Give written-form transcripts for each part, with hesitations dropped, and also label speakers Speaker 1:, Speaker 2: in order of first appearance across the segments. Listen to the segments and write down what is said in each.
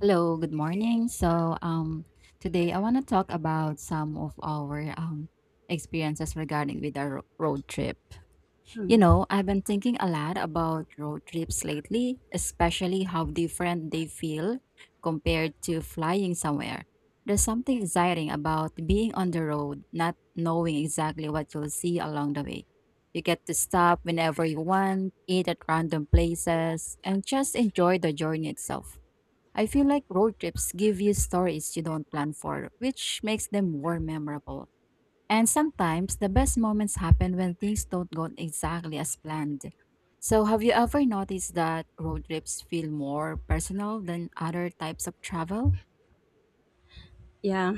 Speaker 1: Hello, good morning. So, today I want to talk about some of our experiences regarding with our road trip. You
Speaker 2: Mm.
Speaker 1: know, I've been thinking a lot about road trips lately, especially how different they feel compared to flying somewhere. There's something exciting about being on the road, not knowing exactly what you'll see along the way. You get to stop whenever you want, eat at random places, and just enjoy the journey itself. I feel like road trips give you stories you don't plan for, which makes them more memorable. And sometimes the best moments happen when things don't go exactly as planned. So, have you ever noticed that road trips feel more personal than other types of travel?
Speaker 2: Yeah,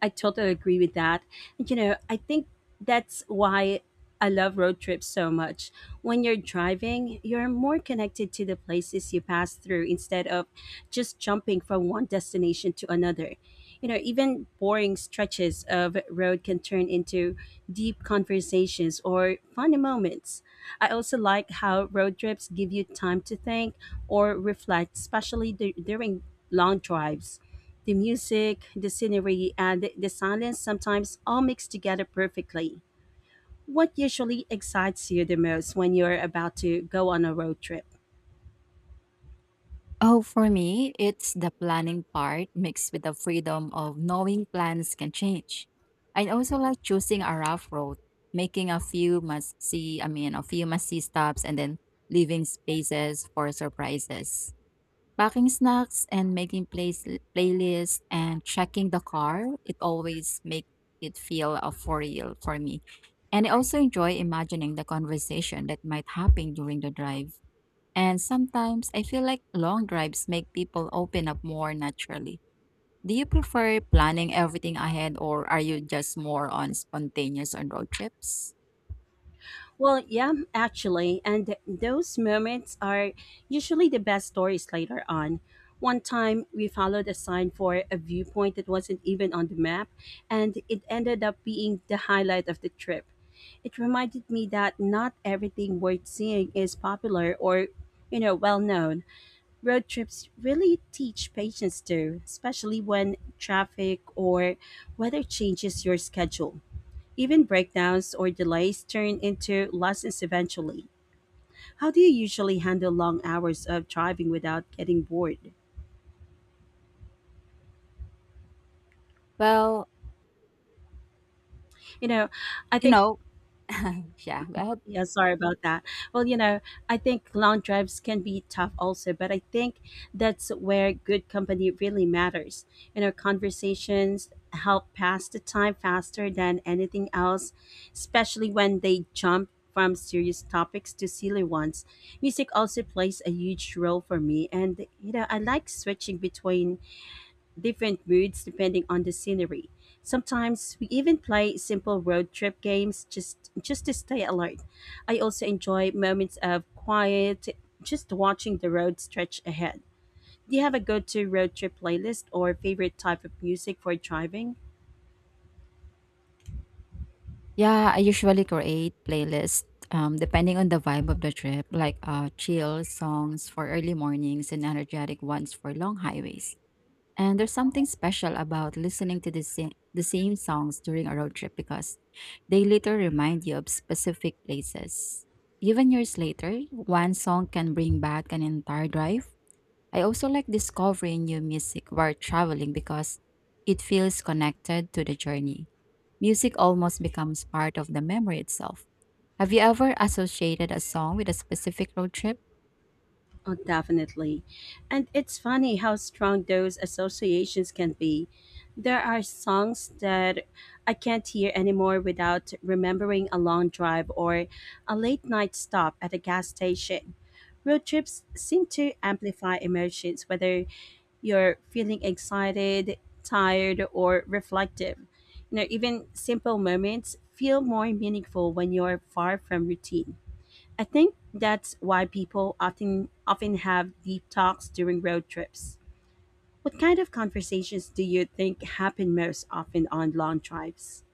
Speaker 2: I totally agree with that. I think that's why I love road trips so much. When you're driving, you're more connected to the places you pass through instead of just jumping from one destination to another. You know, even boring stretches of road can turn into deep conversations or funny moments. I also like how road trips give you time to think or reflect, especially during long drives. The music, the scenery, and the silence sometimes all mix together perfectly. What usually excites you the most when you're about to go on a road trip?
Speaker 1: Oh, for me, it's the planning part mixed with the freedom of knowing plans can change. I also like choosing a rough road, making a few must see, I mean, a few must see stops and then leaving spaces for surprises. Packing snacks and making place playlists and checking the car, it always make it feel a for real for me. And I also enjoy imagining the conversation that might happen during the drive, and sometimes I feel like long drives make people open up more naturally. Do you prefer planning everything ahead or are you just more on spontaneous on road trips?
Speaker 2: Well, yeah, actually, and those moments are usually the best stories later on. One time we followed a sign for a viewpoint that wasn't even on the map, and it ended up being the highlight of the trip. It reminded me that not everything worth seeing is popular or, you know, well known. Road trips really teach patience too, especially when traffic or weather changes your schedule. Even breakdowns or delays turn into lessons eventually. How do you usually handle long hours of driving without getting bored?
Speaker 1: Well,
Speaker 2: You know, I
Speaker 1: you
Speaker 2: think
Speaker 1: know, yeah, go ahead.
Speaker 2: Yeah, sorry about that. Well, you know, I think long drives can be tough also, but I think that's where good company really matters. You know, conversations help pass the time faster than anything else, especially when they jump from serious topics to silly ones. Music also plays a huge role for me, and you know, I like switching between different moods depending on the scenery. Sometimes we even play simple road trip games just to stay alert. I also enjoy moments of quiet, just watching the road stretch ahead. Do you have a go-to road trip playlist or favorite type of music for driving?
Speaker 1: Yeah, I usually create playlists depending on the vibe of the trip, like chill songs for early mornings and energetic ones for long highways. And there's something special about listening to the same songs during a road trip because they later remind you of specific places. Even years later, one song can bring back an entire drive. I also like discovering new music while traveling because it feels connected to the journey. Music almost becomes part of the memory itself. Have you ever associated a song with a specific road trip?
Speaker 2: Oh, definitely. And it's funny how strong those associations can be. There are songs that I can't hear anymore without remembering a long drive or a late night stop at a gas station. Road trips seem to amplify emotions, whether you're feeling excited, tired, or reflective. You know, even simple moments feel more meaningful when you're far from routine. I think that's why people often have deep talks during road trips. What kind of conversations do you think happen most often on long drives?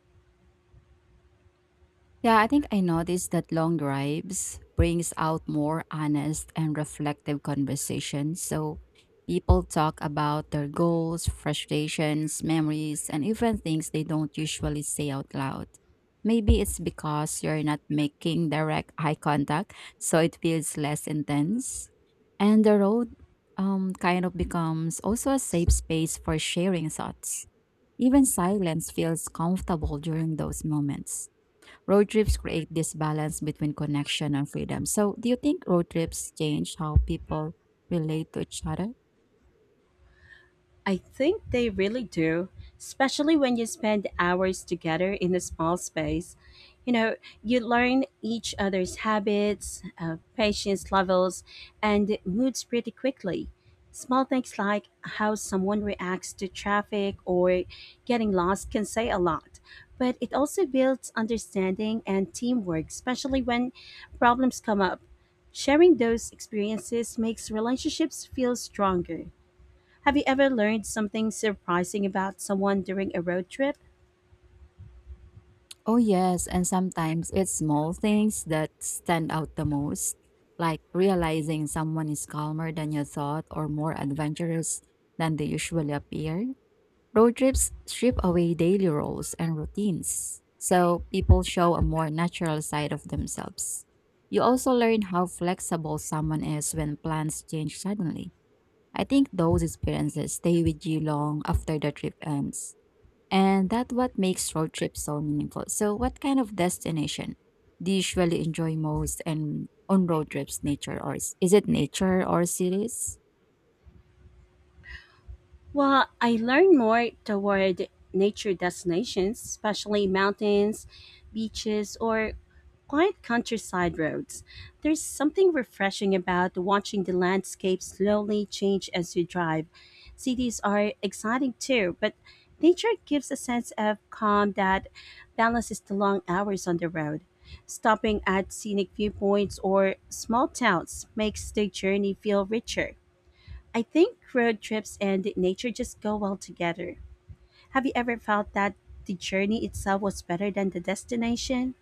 Speaker 1: Yeah, I think I noticed that long drives brings out more honest and reflective conversations. So people talk about their goals, frustrations, memories, and even things they don't usually say out loud. Maybe it's because you're not making direct eye contact, so it feels less intense. And the road kind of becomes also a safe space for sharing thoughts. Even silence feels comfortable during those moments. Road trips create this balance between connection and freedom. So, do you think road trips change how people relate to each other?
Speaker 2: I think they really do, especially when you spend hours together in a small space. You know, you learn each other's habits, patience levels, and moods pretty quickly. Small things like how someone reacts to traffic or getting lost can say a lot, but it also builds understanding and teamwork, especially when problems come up. Sharing those experiences makes relationships feel stronger. Have you ever learned something surprising about someone during a road trip?
Speaker 1: Oh, yes. And sometimes it's small things that stand out the most, like realizing someone is calmer than you thought or more adventurous than they usually appear. Road trips strip away daily roles and routines, so people show a more natural side of themselves. You also learn how flexible someone is when plans change suddenly. I think those experiences stay with you long after the trip ends. And that's what makes road trips so meaningful. So, what kind of destination do you usually enjoy most and on road trips, nature or is it nature or cities?
Speaker 2: Well, I learned more toward nature destinations, especially mountains, beaches, or quiet countryside roads. There's something refreshing about watching the landscape slowly change as you drive. Cities are exciting too, but nature gives a sense of calm that balances the long hours on the road. Stopping at scenic viewpoints or small towns makes the journey feel richer. I think road trips and nature just go well together. Have you ever felt that the journey itself was better than the destination?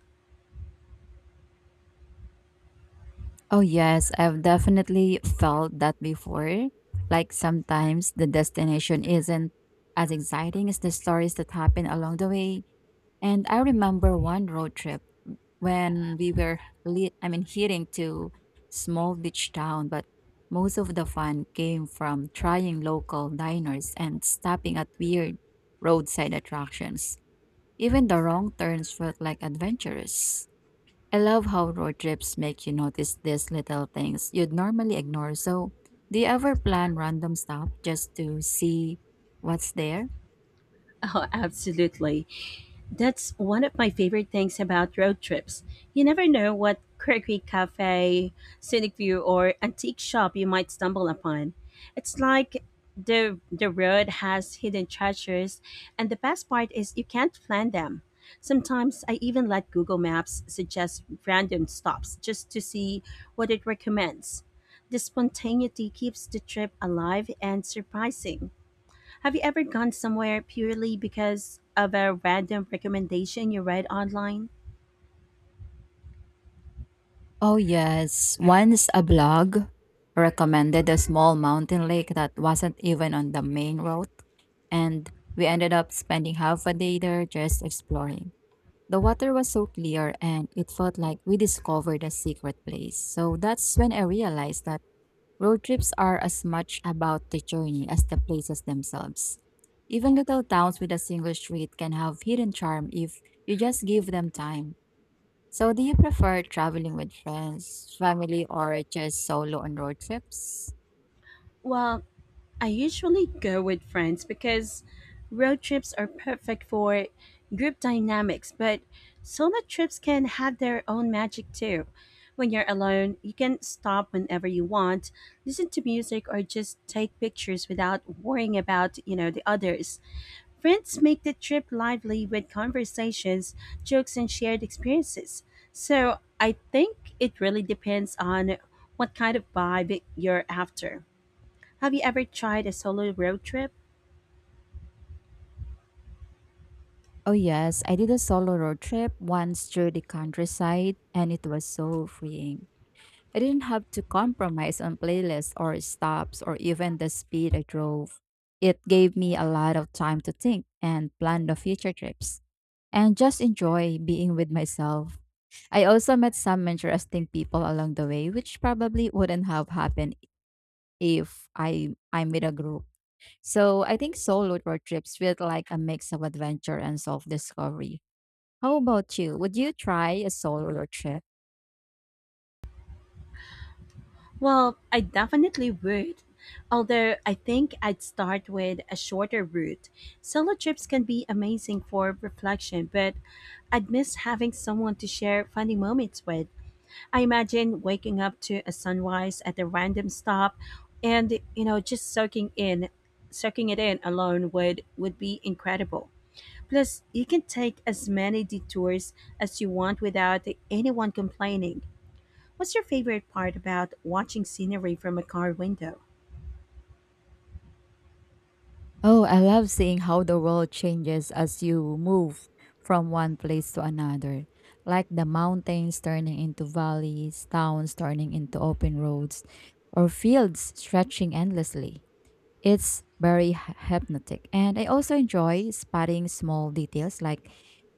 Speaker 1: Oh, yes, I've definitely felt that before. Like sometimes the destination isn't as exciting as the stories that happen along the way. And I remember one road trip when we were I mean heading to small beach town, but most of the fun came from trying local diners and stopping at weird roadside attractions. Even the wrong turns felt like adventurous. I love how road trips make you notice these little things you'd normally ignore. So, do you ever plan random stuff just to see what's there?
Speaker 2: Oh, absolutely. That's one of my favorite things about road trips. You never know what quirky cafe, scenic view, or antique shop you might stumble upon. It's like the road has hidden treasures, and the best part is you can't plan them. Sometimes I even let Google Maps suggest random stops just to see what it recommends. The spontaneity keeps the trip alive and surprising. Have you ever gone somewhere purely because of a random recommendation you read online?
Speaker 1: Oh, yes. Once a blog recommended a small mountain lake that wasn't even on the main road, and we ended up spending half a day there just exploring. The water was so clear, and it felt like we discovered a secret place. So that's when I realized that road trips are as much about the journey as the places themselves. Even little towns with a single street can have hidden charm if you just give them time. So, do you prefer traveling with friends, family, or just solo on road trips?
Speaker 2: Well, I usually go with friends because road trips are perfect for group dynamics, but solo trips can have their own magic too. When you're alone, you can stop whenever you want, listen to music or just take pictures without worrying about, you know, the others. Friends make the trip lively with conversations, jokes, and shared experiences. So I think it really depends on what kind of vibe you're after. Have you ever tried a solo road trip?
Speaker 1: Oh, yes, I did a solo road trip once through the countryside, and it was so freeing. I didn't have to compromise on playlists or stops or even the speed I drove. It gave me a lot of time to think and plan the future trips and just enjoy being with myself. I also met some interesting people along the way, which probably wouldn't have happened if I I'm with a group. So I think solo road trips feel like a mix of adventure and self-discovery. How about you? Would you try a solo road trip?
Speaker 2: Well, I definitely would. Although I think I'd start with a shorter route. Solo trips can be amazing for reflection, but I'd miss having someone to share funny moments with. I imagine waking up to a sunrise at a random stop and, you know, just soaking it in alone would be incredible. Plus, you can take as many detours as you want without anyone complaining. What's your favorite part about watching scenery from a car window?
Speaker 1: Oh, I love seeing how the world changes as you move from one place to another. Like the mountains turning into valleys, towns turning into open roads, or fields stretching endlessly. It's very hypnotic, and I also enjoy spotting small details like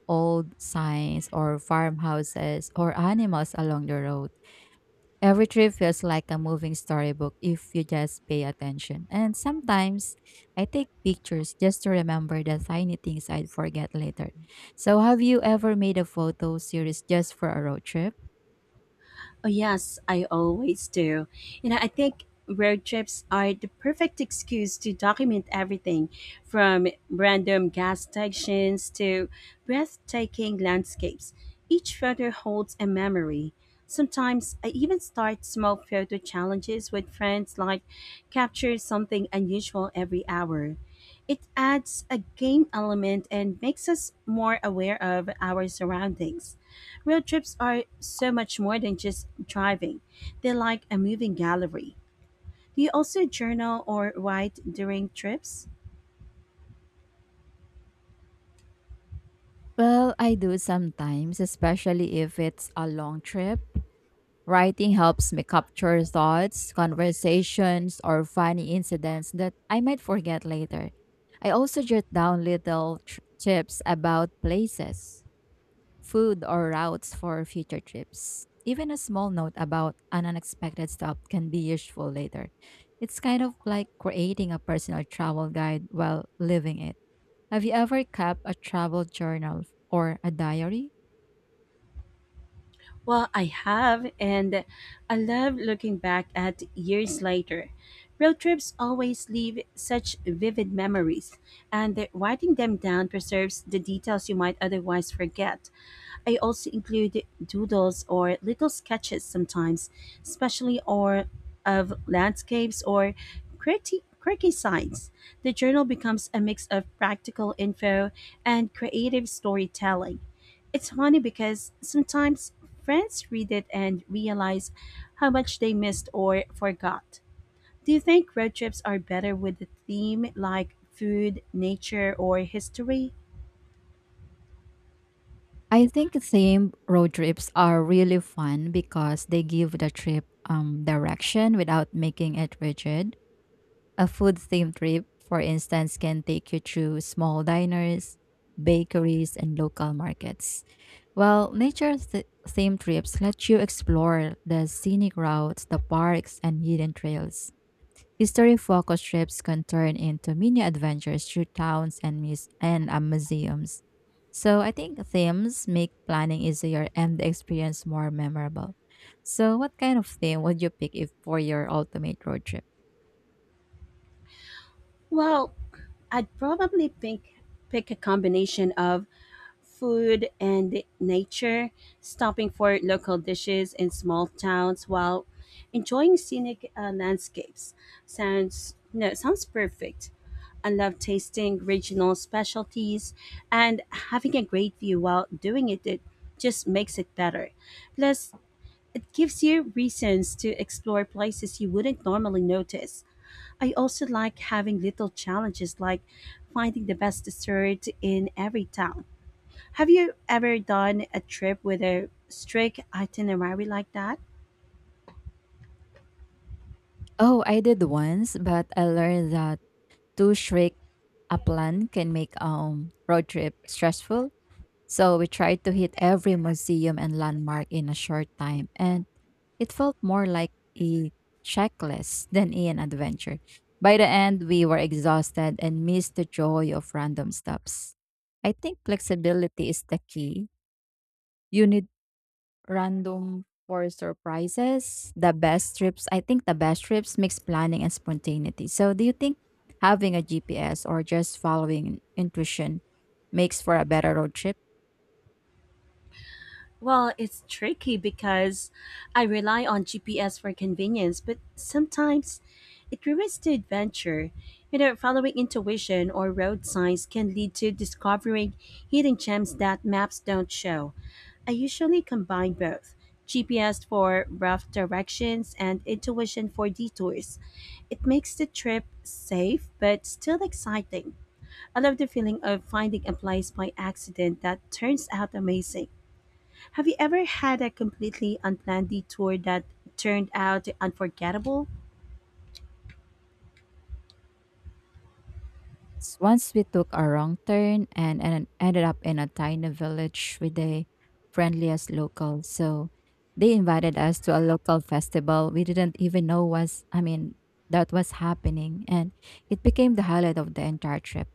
Speaker 1: old signs or farmhouses or animals along the road. Every trip feels like a moving storybook if you just pay attention. And sometimes I take pictures just to remember the tiny things I'd forget later. So, have you ever made a photo series just for a road trip?
Speaker 2: Oh, yes, I always do. You know, I think road trips are the perfect excuse to document everything from random gas stations to breathtaking landscapes. Each photo holds a memory. Sometimes I even start small photo challenges with friends, like capture something unusual every hour. It adds a game element and makes us more aware of our surroundings. Road trips are so much more than just driving. They're like a moving gallery. Do you also journal or write during trips?
Speaker 1: Well, I do sometimes, especially if it's a long trip. Writing helps me capture thoughts, conversations, or funny incidents that I might forget later. I also jot down little tips about places, food, or routes for future trips. Even a small note about an unexpected stop can be useful later. It's kind of like creating a personal travel guide while living it. Have you ever kept a travel journal or a diary?
Speaker 2: Well, I have, and I love looking back at years later. Road trips always leave such vivid memories, and that writing them down preserves the details you might otherwise forget. I also include doodles or little sketches sometimes, especially or of landscapes or quirky signs. The journal becomes a mix of practical info and creative storytelling. It's funny because sometimes friends read it and realize how much they missed or forgot. Do you think road trips are better with a theme like food, nature, or history?
Speaker 1: I think same road trips are really fun because they give the trip direction without making it rigid. A food themed trip, for instance, can take you through small diners, bakeries, and local markets. While nature themed trips let you explore the scenic routes, the parks, and hidden trails. History focused trips can turn into mini adventures through towns and museums. So I think themes make planning easier and the experience more memorable. So what kind of theme would you pick if for your ultimate road trip?
Speaker 2: Well, I'd probably pick a combination of food and nature, stopping for local dishes in small towns while enjoying scenic landscapes. Sounds no, sounds perfect. I love tasting regional specialties and having a great view while doing it. It just makes it better. Plus, it gives you reasons to explore places you wouldn't normally notice. I also like having little challenges like finding the best dessert in every town. Have you ever done a trip with a strict itinerary like that?
Speaker 1: Oh, I did once, but I learned that too strict a plan can make road trip stressful. So we tried to hit every museum and landmark in a short time, and it felt more like a checklist than an adventure. By the end, we were exhausted and missed the joy of random stops. I think flexibility is the key. You need random for surprises. I think the best trips mix planning and spontaneity. So, do you think having a GPS or just following intuition makes for a better road trip?
Speaker 2: Well, it's tricky because I rely on GPS for convenience, but sometimes it ruins the adventure. You know, following intuition or road signs can lead to discovering hidden gems that maps don't show. I usually combine both, GPS for rough directions and intuition for detours. It makes the trip safe but still exciting. I love the feeling of finding a place by accident that turns out amazing. Have you ever had a completely unplanned detour that turned out unforgettable?
Speaker 1: Once we took a wrong turn and ended up in a tiny village with the friendliest locals. So they invited us to a local festival we didn't even know I mean, that was happening. And it became the highlight of the entire trip.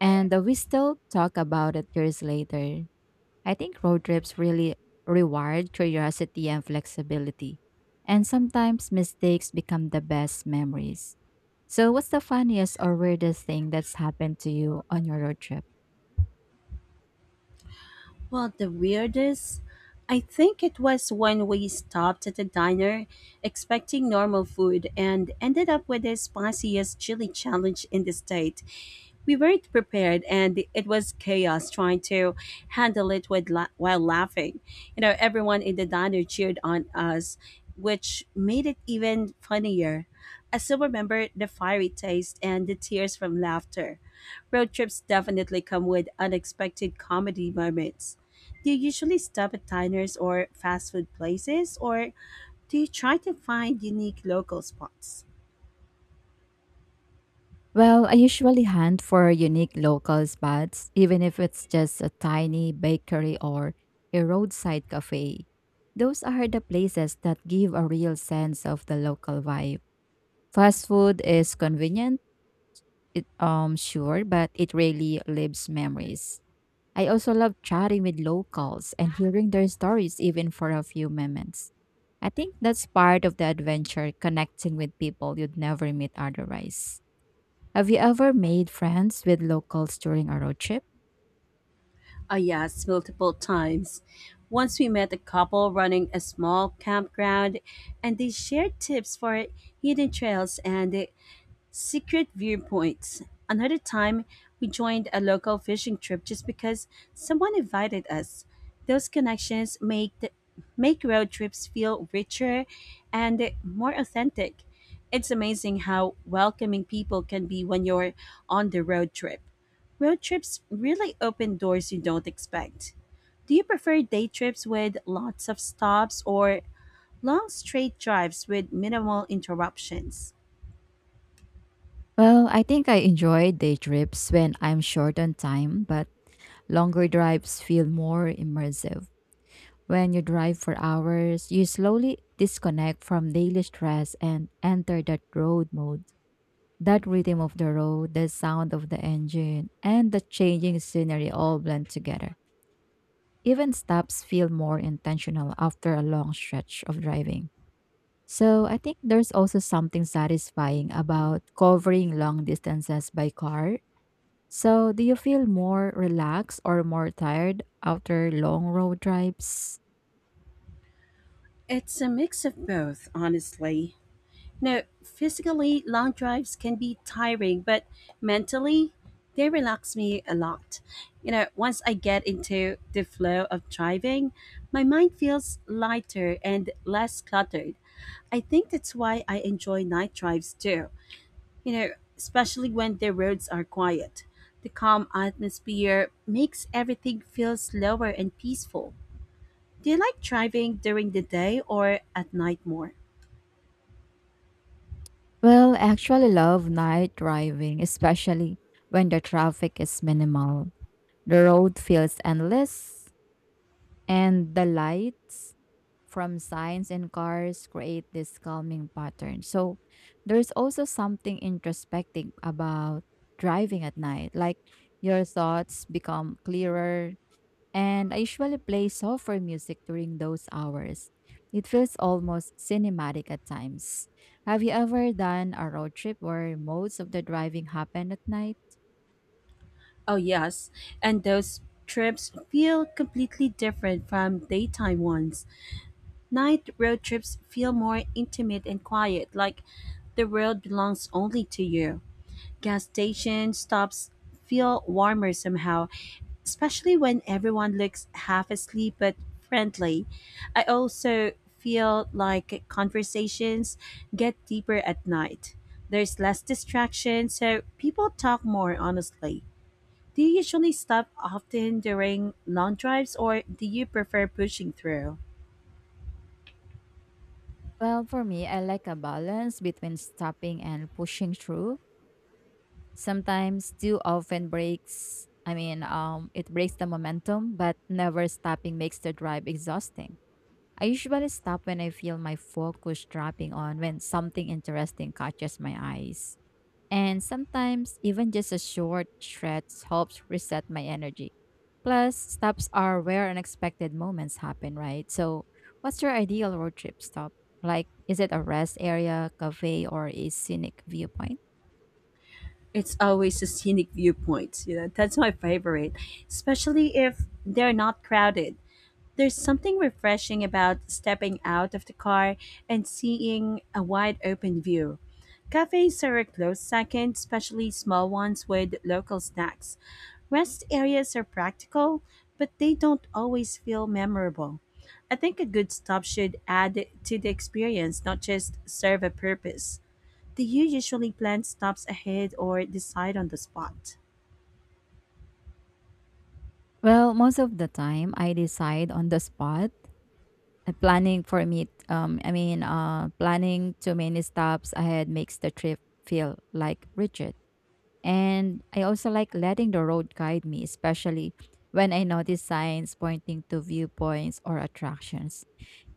Speaker 1: And we still talk about it years later. I think road trips really reward curiosity and flexibility. And sometimes mistakes become the best memories. So, what's the funniest or weirdest thing that's happened to you on your road trip?
Speaker 2: Well, the weirdest. I think it was when we stopped at a diner expecting normal food and ended up with the spiciest chili challenge in the state. We weren't prepared, and it was chaos trying to handle it while laughing. You know, everyone in the diner cheered on us, which made it even funnier. I still remember the fiery taste and the tears from laughter. Road trips definitely come with unexpected comedy moments. Do you usually stop at diners or fast food places, or do you try to find unique local spots?
Speaker 1: Well, I usually hunt for unique local spots, even if it's just a tiny bakery or a roadside cafe. Those are the places that give a real sense of the local vibe. Fast food is convenient it, sure, but it really lives memories. I also love chatting with locals and hearing their stories even for a few moments. I think that's part of the adventure, connecting with people you'd never meet otherwise. Have you ever made friends with locals during a road trip?
Speaker 2: Ah, yes, multiple times. Once we met a couple running a small campground, and they shared tips for hidden trails and secret viewpoints. Another time, we joined a local fishing trip just because someone invited us. Those connections make road trips feel richer and more authentic. It's amazing how welcoming people can be when you're on the road trip. Road trips really open doors you don't expect. Do you prefer day trips with lots of stops or long straight drives with minimal interruptions?
Speaker 1: Well, I think I enjoy day trips when I'm short on time, but longer drives feel more immersive. When you drive for hours, you slowly disconnect from daily stress and enter that road mode. That rhythm of the road, the sound of the engine, and the changing scenery all blend together. Even stops feel more intentional after a long stretch of driving. So I think there's also something satisfying about covering long distances by car. So do you feel more relaxed or more tired after long road drives?
Speaker 2: It's a mix of both, honestly. Now, physically, long drives can be tiring, but mentally, they relax me a lot. You know, once I get into the flow of driving, my mind feels lighter and less cluttered. I think that's why I enjoy night drives too, you know, especially when the roads are quiet. The calm atmosphere makes everything feel slower and peaceful. Do you like driving during the day or at night more?
Speaker 1: Well, I actually love night driving, especially when the traffic is minimal. The road feels endless, and the lights from signs and cars create this calming pattern. So, there's also something introspective about driving at night. Like your thoughts become clearer, and I usually play software music during those hours. It feels almost cinematic at times. Have you ever done a road trip where most of the driving happened at night?
Speaker 2: Oh, yes. And those trips feel completely different from daytime ones. Night road trips feel more intimate and quiet, like the world belongs only to you. Gas station stops feel warmer somehow, especially when everyone looks half asleep but friendly. I also feel like conversations get deeper at night. There's less distraction, so people talk more honestly. Do you usually stop often during long drives or do you prefer pushing through?
Speaker 1: Well, for me, I like a balance between stopping and pushing through. Sometimes too often breaks, I mean, it breaks the momentum, but never stopping makes the drive exhausting. I usually stop when I feel my focus dropping on when something interesting catches my eyes. And sometimes even just a short stretch helps reset my energy. Plus, stops are where unexpected moments happen, right? So, what's your ideal road trip stop? Like, is it a rest area, cafe, or a scenic viewpoint?
Speaker 2: It's always a scenic viewpoint, you know. That's my favorite, especially if they're not crowded. There's something refreshing about stepping out of the car and seeing a wide open view. Cafes are a close second, especially small ones with local snacks. Rest areas are practical, but they don't always feel memorable. I think a good stop should add to the experience, not just serve a purpose. Do you usually plan stops ahead or decide on the spot?
Speaker 1: Well, most of the time, I decide on the spot. Planning for me, planning too many stops ahead makes the trip feel like rigid. And I also like letting the road guide me, especially when I notice signs pointing to viewpoints or attractions.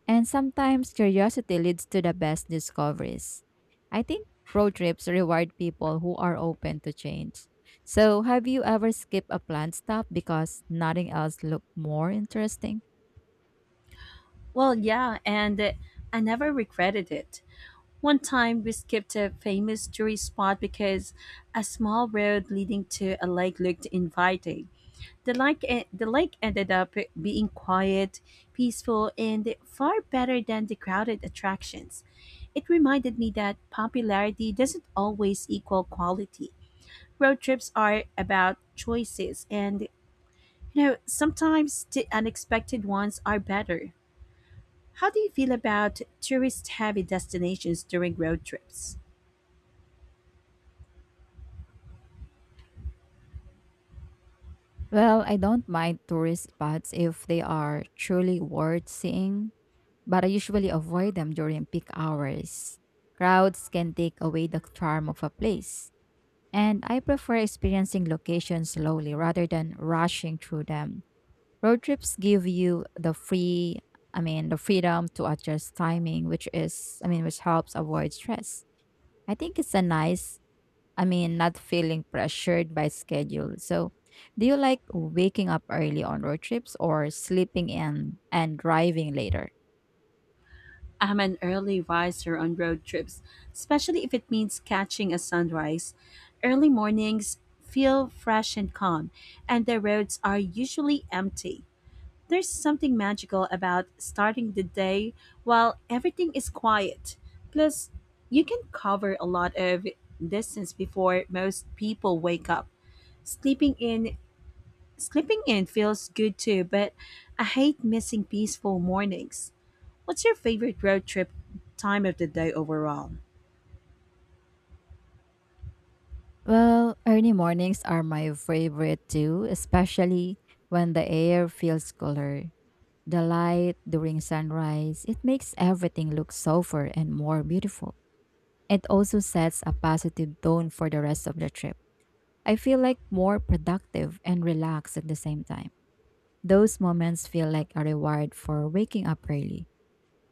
Speaker 1: And sometimes curiosity leads to the best discoveries. I think road trips reward people who are open to change. So, have you ever skipped a planned stop because nothing else looked more interesting?
Speaker 2: Well, yeah, and I never regretted it. One time we skipped a famous tourist spot because a small road leading to a lake looked inviting. The lake ended up being quiet, peaceful, and far better than the crowded attractions. It reminded me that popularity doesn't always equal quality. Road trips are about choices, and you know, sometimes the unexpected ones are better. How do you feel about tourist heavy destinations during road trips?
Speaker 1: Well, I don't mind tourist spots if they are truly worth seeing, but I usually avoid them during peak hours. Crowds can take away the charm of a place, and I prefer experiencing locations slowly rather than rushing through them. Road trips give you the free, I mean, the freedom to adjust timing, which helps avoid stress. I think it's a nice, I mean, Not feeling pressured by schedule. So, do you like waking up early on road trips or sleeping in and driving later?
Speaker 2: I'm an early riser on road trips, especially if it means catching a sunrise. Early mornings feel fresh and calm, and the roads are usually empty. There's something magical about starting the day while everything is quiet. Plus, you can cover a lot of distance before most people wake up. Sleeping in Sleeping in feels good too, but I hate missing peaceful mornings. What's your favorite road trip time of the day overall?
Speaker 1: Well, early mornings are my favorite too, especially when the air feels cooler. The light during sunrise, it makes everything look softer and more beautiful. It also sets a positive tone for the rest of the trip. I feel like more productive and relaxed at the same time. Those moments feel like a reward for waking up early.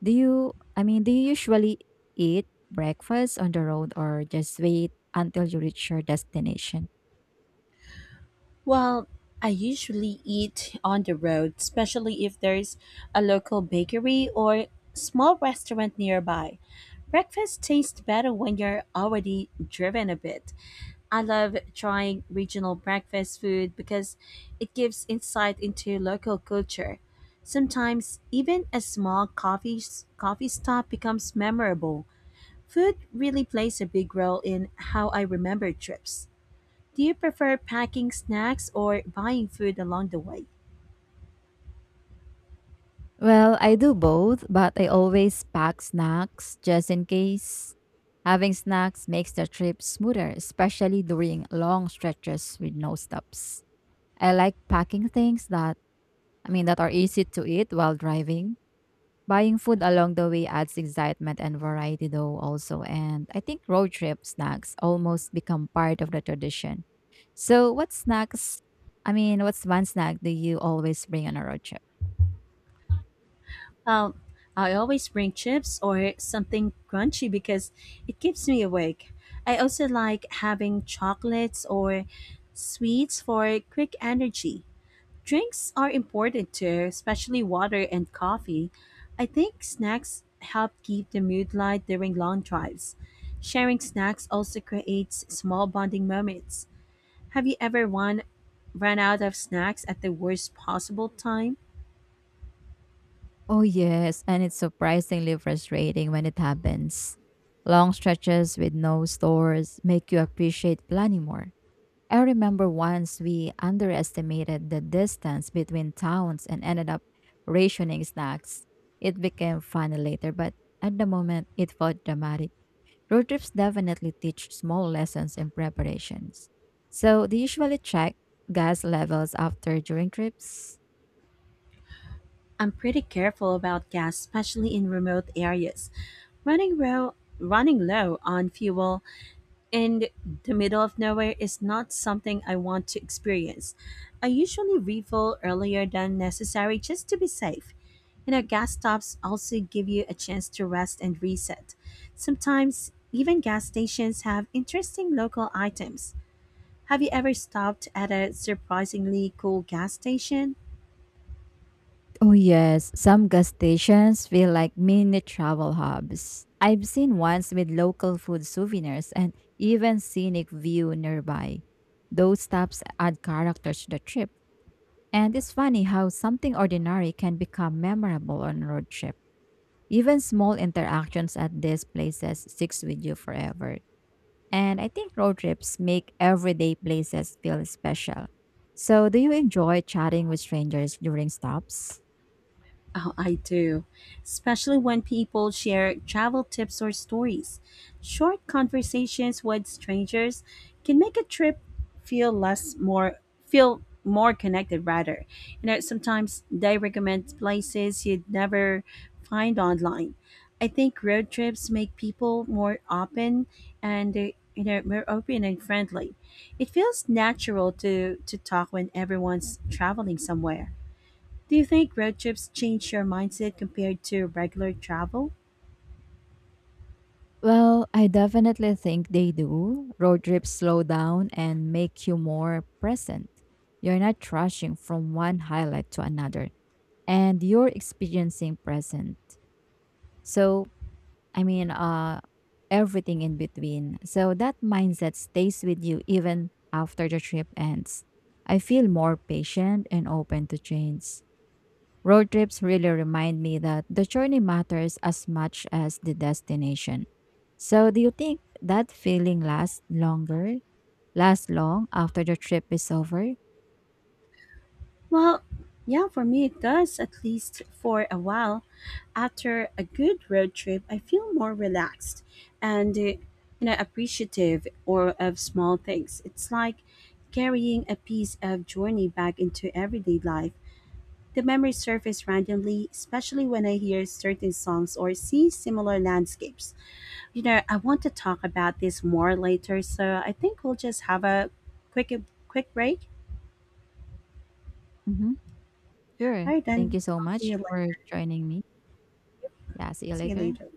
Speaker 1: Do you, do you usually eat breakfast on the road or just wait until you reach your destination?
Speaker 2: Well, I usually eat on the road, especially if there's a local bakery or small restaurant nearby. Breakfast tastes better when you're already driven a bit. I love trying regional breakfast food because it gives insight into local culture. Sometimes even a small coffee stop becomes memorable. Food really plays a big role in how I remember trips. Do you prefer packing snacks or buying food along the way?
Speaker 1: Well, I do both, but I always pack snacks just in case. Having snacks makes the trip smoother, especially during long stretches with no stops. I like packing things that I mean that are easy to eat while driving. Buying food along the way adds excitement and variety though also, and I think road trip snacks almost become part of the tradition. So, what's one snack do you always bring on a road trip?
Speaker 2: Um, I always bring chips or something crunchy because it keeps me awake. I also like having chocolates or sweets for quick energy. Drinks are important too, especially water and coffee. I think snacks help keep the mood light during long drives. Sharing snacks also creates small bonding moments. Have you ever run out of snacks at the worst possible time?
Speaker 1: Oh, yes, and it's surprisingly frustrating when it happens. Long stretches with no stores make you appreciate planning more. I remember once we underestimated the distance between towns and ended up rationing snacks. It became funny later, but at the moment it felt dramatic. Road trips definitely teach small lessons in preparations. So, do you usually check gas levels after during trips?
Speaker 2: I'm pretty careful about gas, especially in remote areas. Running low on fuel and the middle of nowhere is not something I want to experience. I usually refill earlier than necessary just to be safe. You know, gas stops also give you a chance to rest and reset. Sometimes, even gas stations have interesting local items. Have you ever stopped at a surprisingly cool gas station?
Speaker 1: Oh, yes. Some gas stations feel like mini travel hubs. I've seen ones with local food souvenirs and even scenic view nearby. Those stops add character to the trip. And it's funny how something ordinary can become memorable on road trip. Even small interactions at these places sticks with you forever. And I think road trips make everyday places feel special. So, do you enjoy chatting with strangers during stops?
Speaker 2: Oh, I do, especially when people share travel tips or stories. Short conversations with strangers can make a trip feel less more feel more connected rather. You know, sometimes they recommend places you'd never find online. I think road trips make people more open and more open and friendly. It feels natural to talk when everyone's traveling somewhere. Do you think road trips change your mindset compared to regular travel?
Speaker 1: Well, I definitely think they do. Road trips slow down and make you more present. You're not rushing from one highlight to another, and you're experiencing present. So, I mean, uh, Everything in between. So that mindset stays with you even after the trip ends. I feel more patient and open to change. Road trips really remind me that the journey matters as much as the destination. So, do you think that feeling lasts long after the trip is over?
Speaker 2: Well, yeah, for me it does, at least for a while. After a good road trip, I feel more relaxed and appreciative or of small things. It's like carrying a piece of journey back into everyday life. The memories surface randomly, especially when I hear certain songs or see similar landscapes. You know, I want to talk about this more later, so I think we'll just have a quick quick break.
Speaker 1: Mm-hmm. Sure.
Speaker 2: All right,
Speaker 1: Thank
Speaker 2: then
Speaker 1: you so
Speaker 2: I'll see you
Speaker 1: much for
Speaker 2: later.
Speaker 1: joining me. Yeah, see you
Speaker 2: See you
Speaker 1: later.
Speaker 2: later.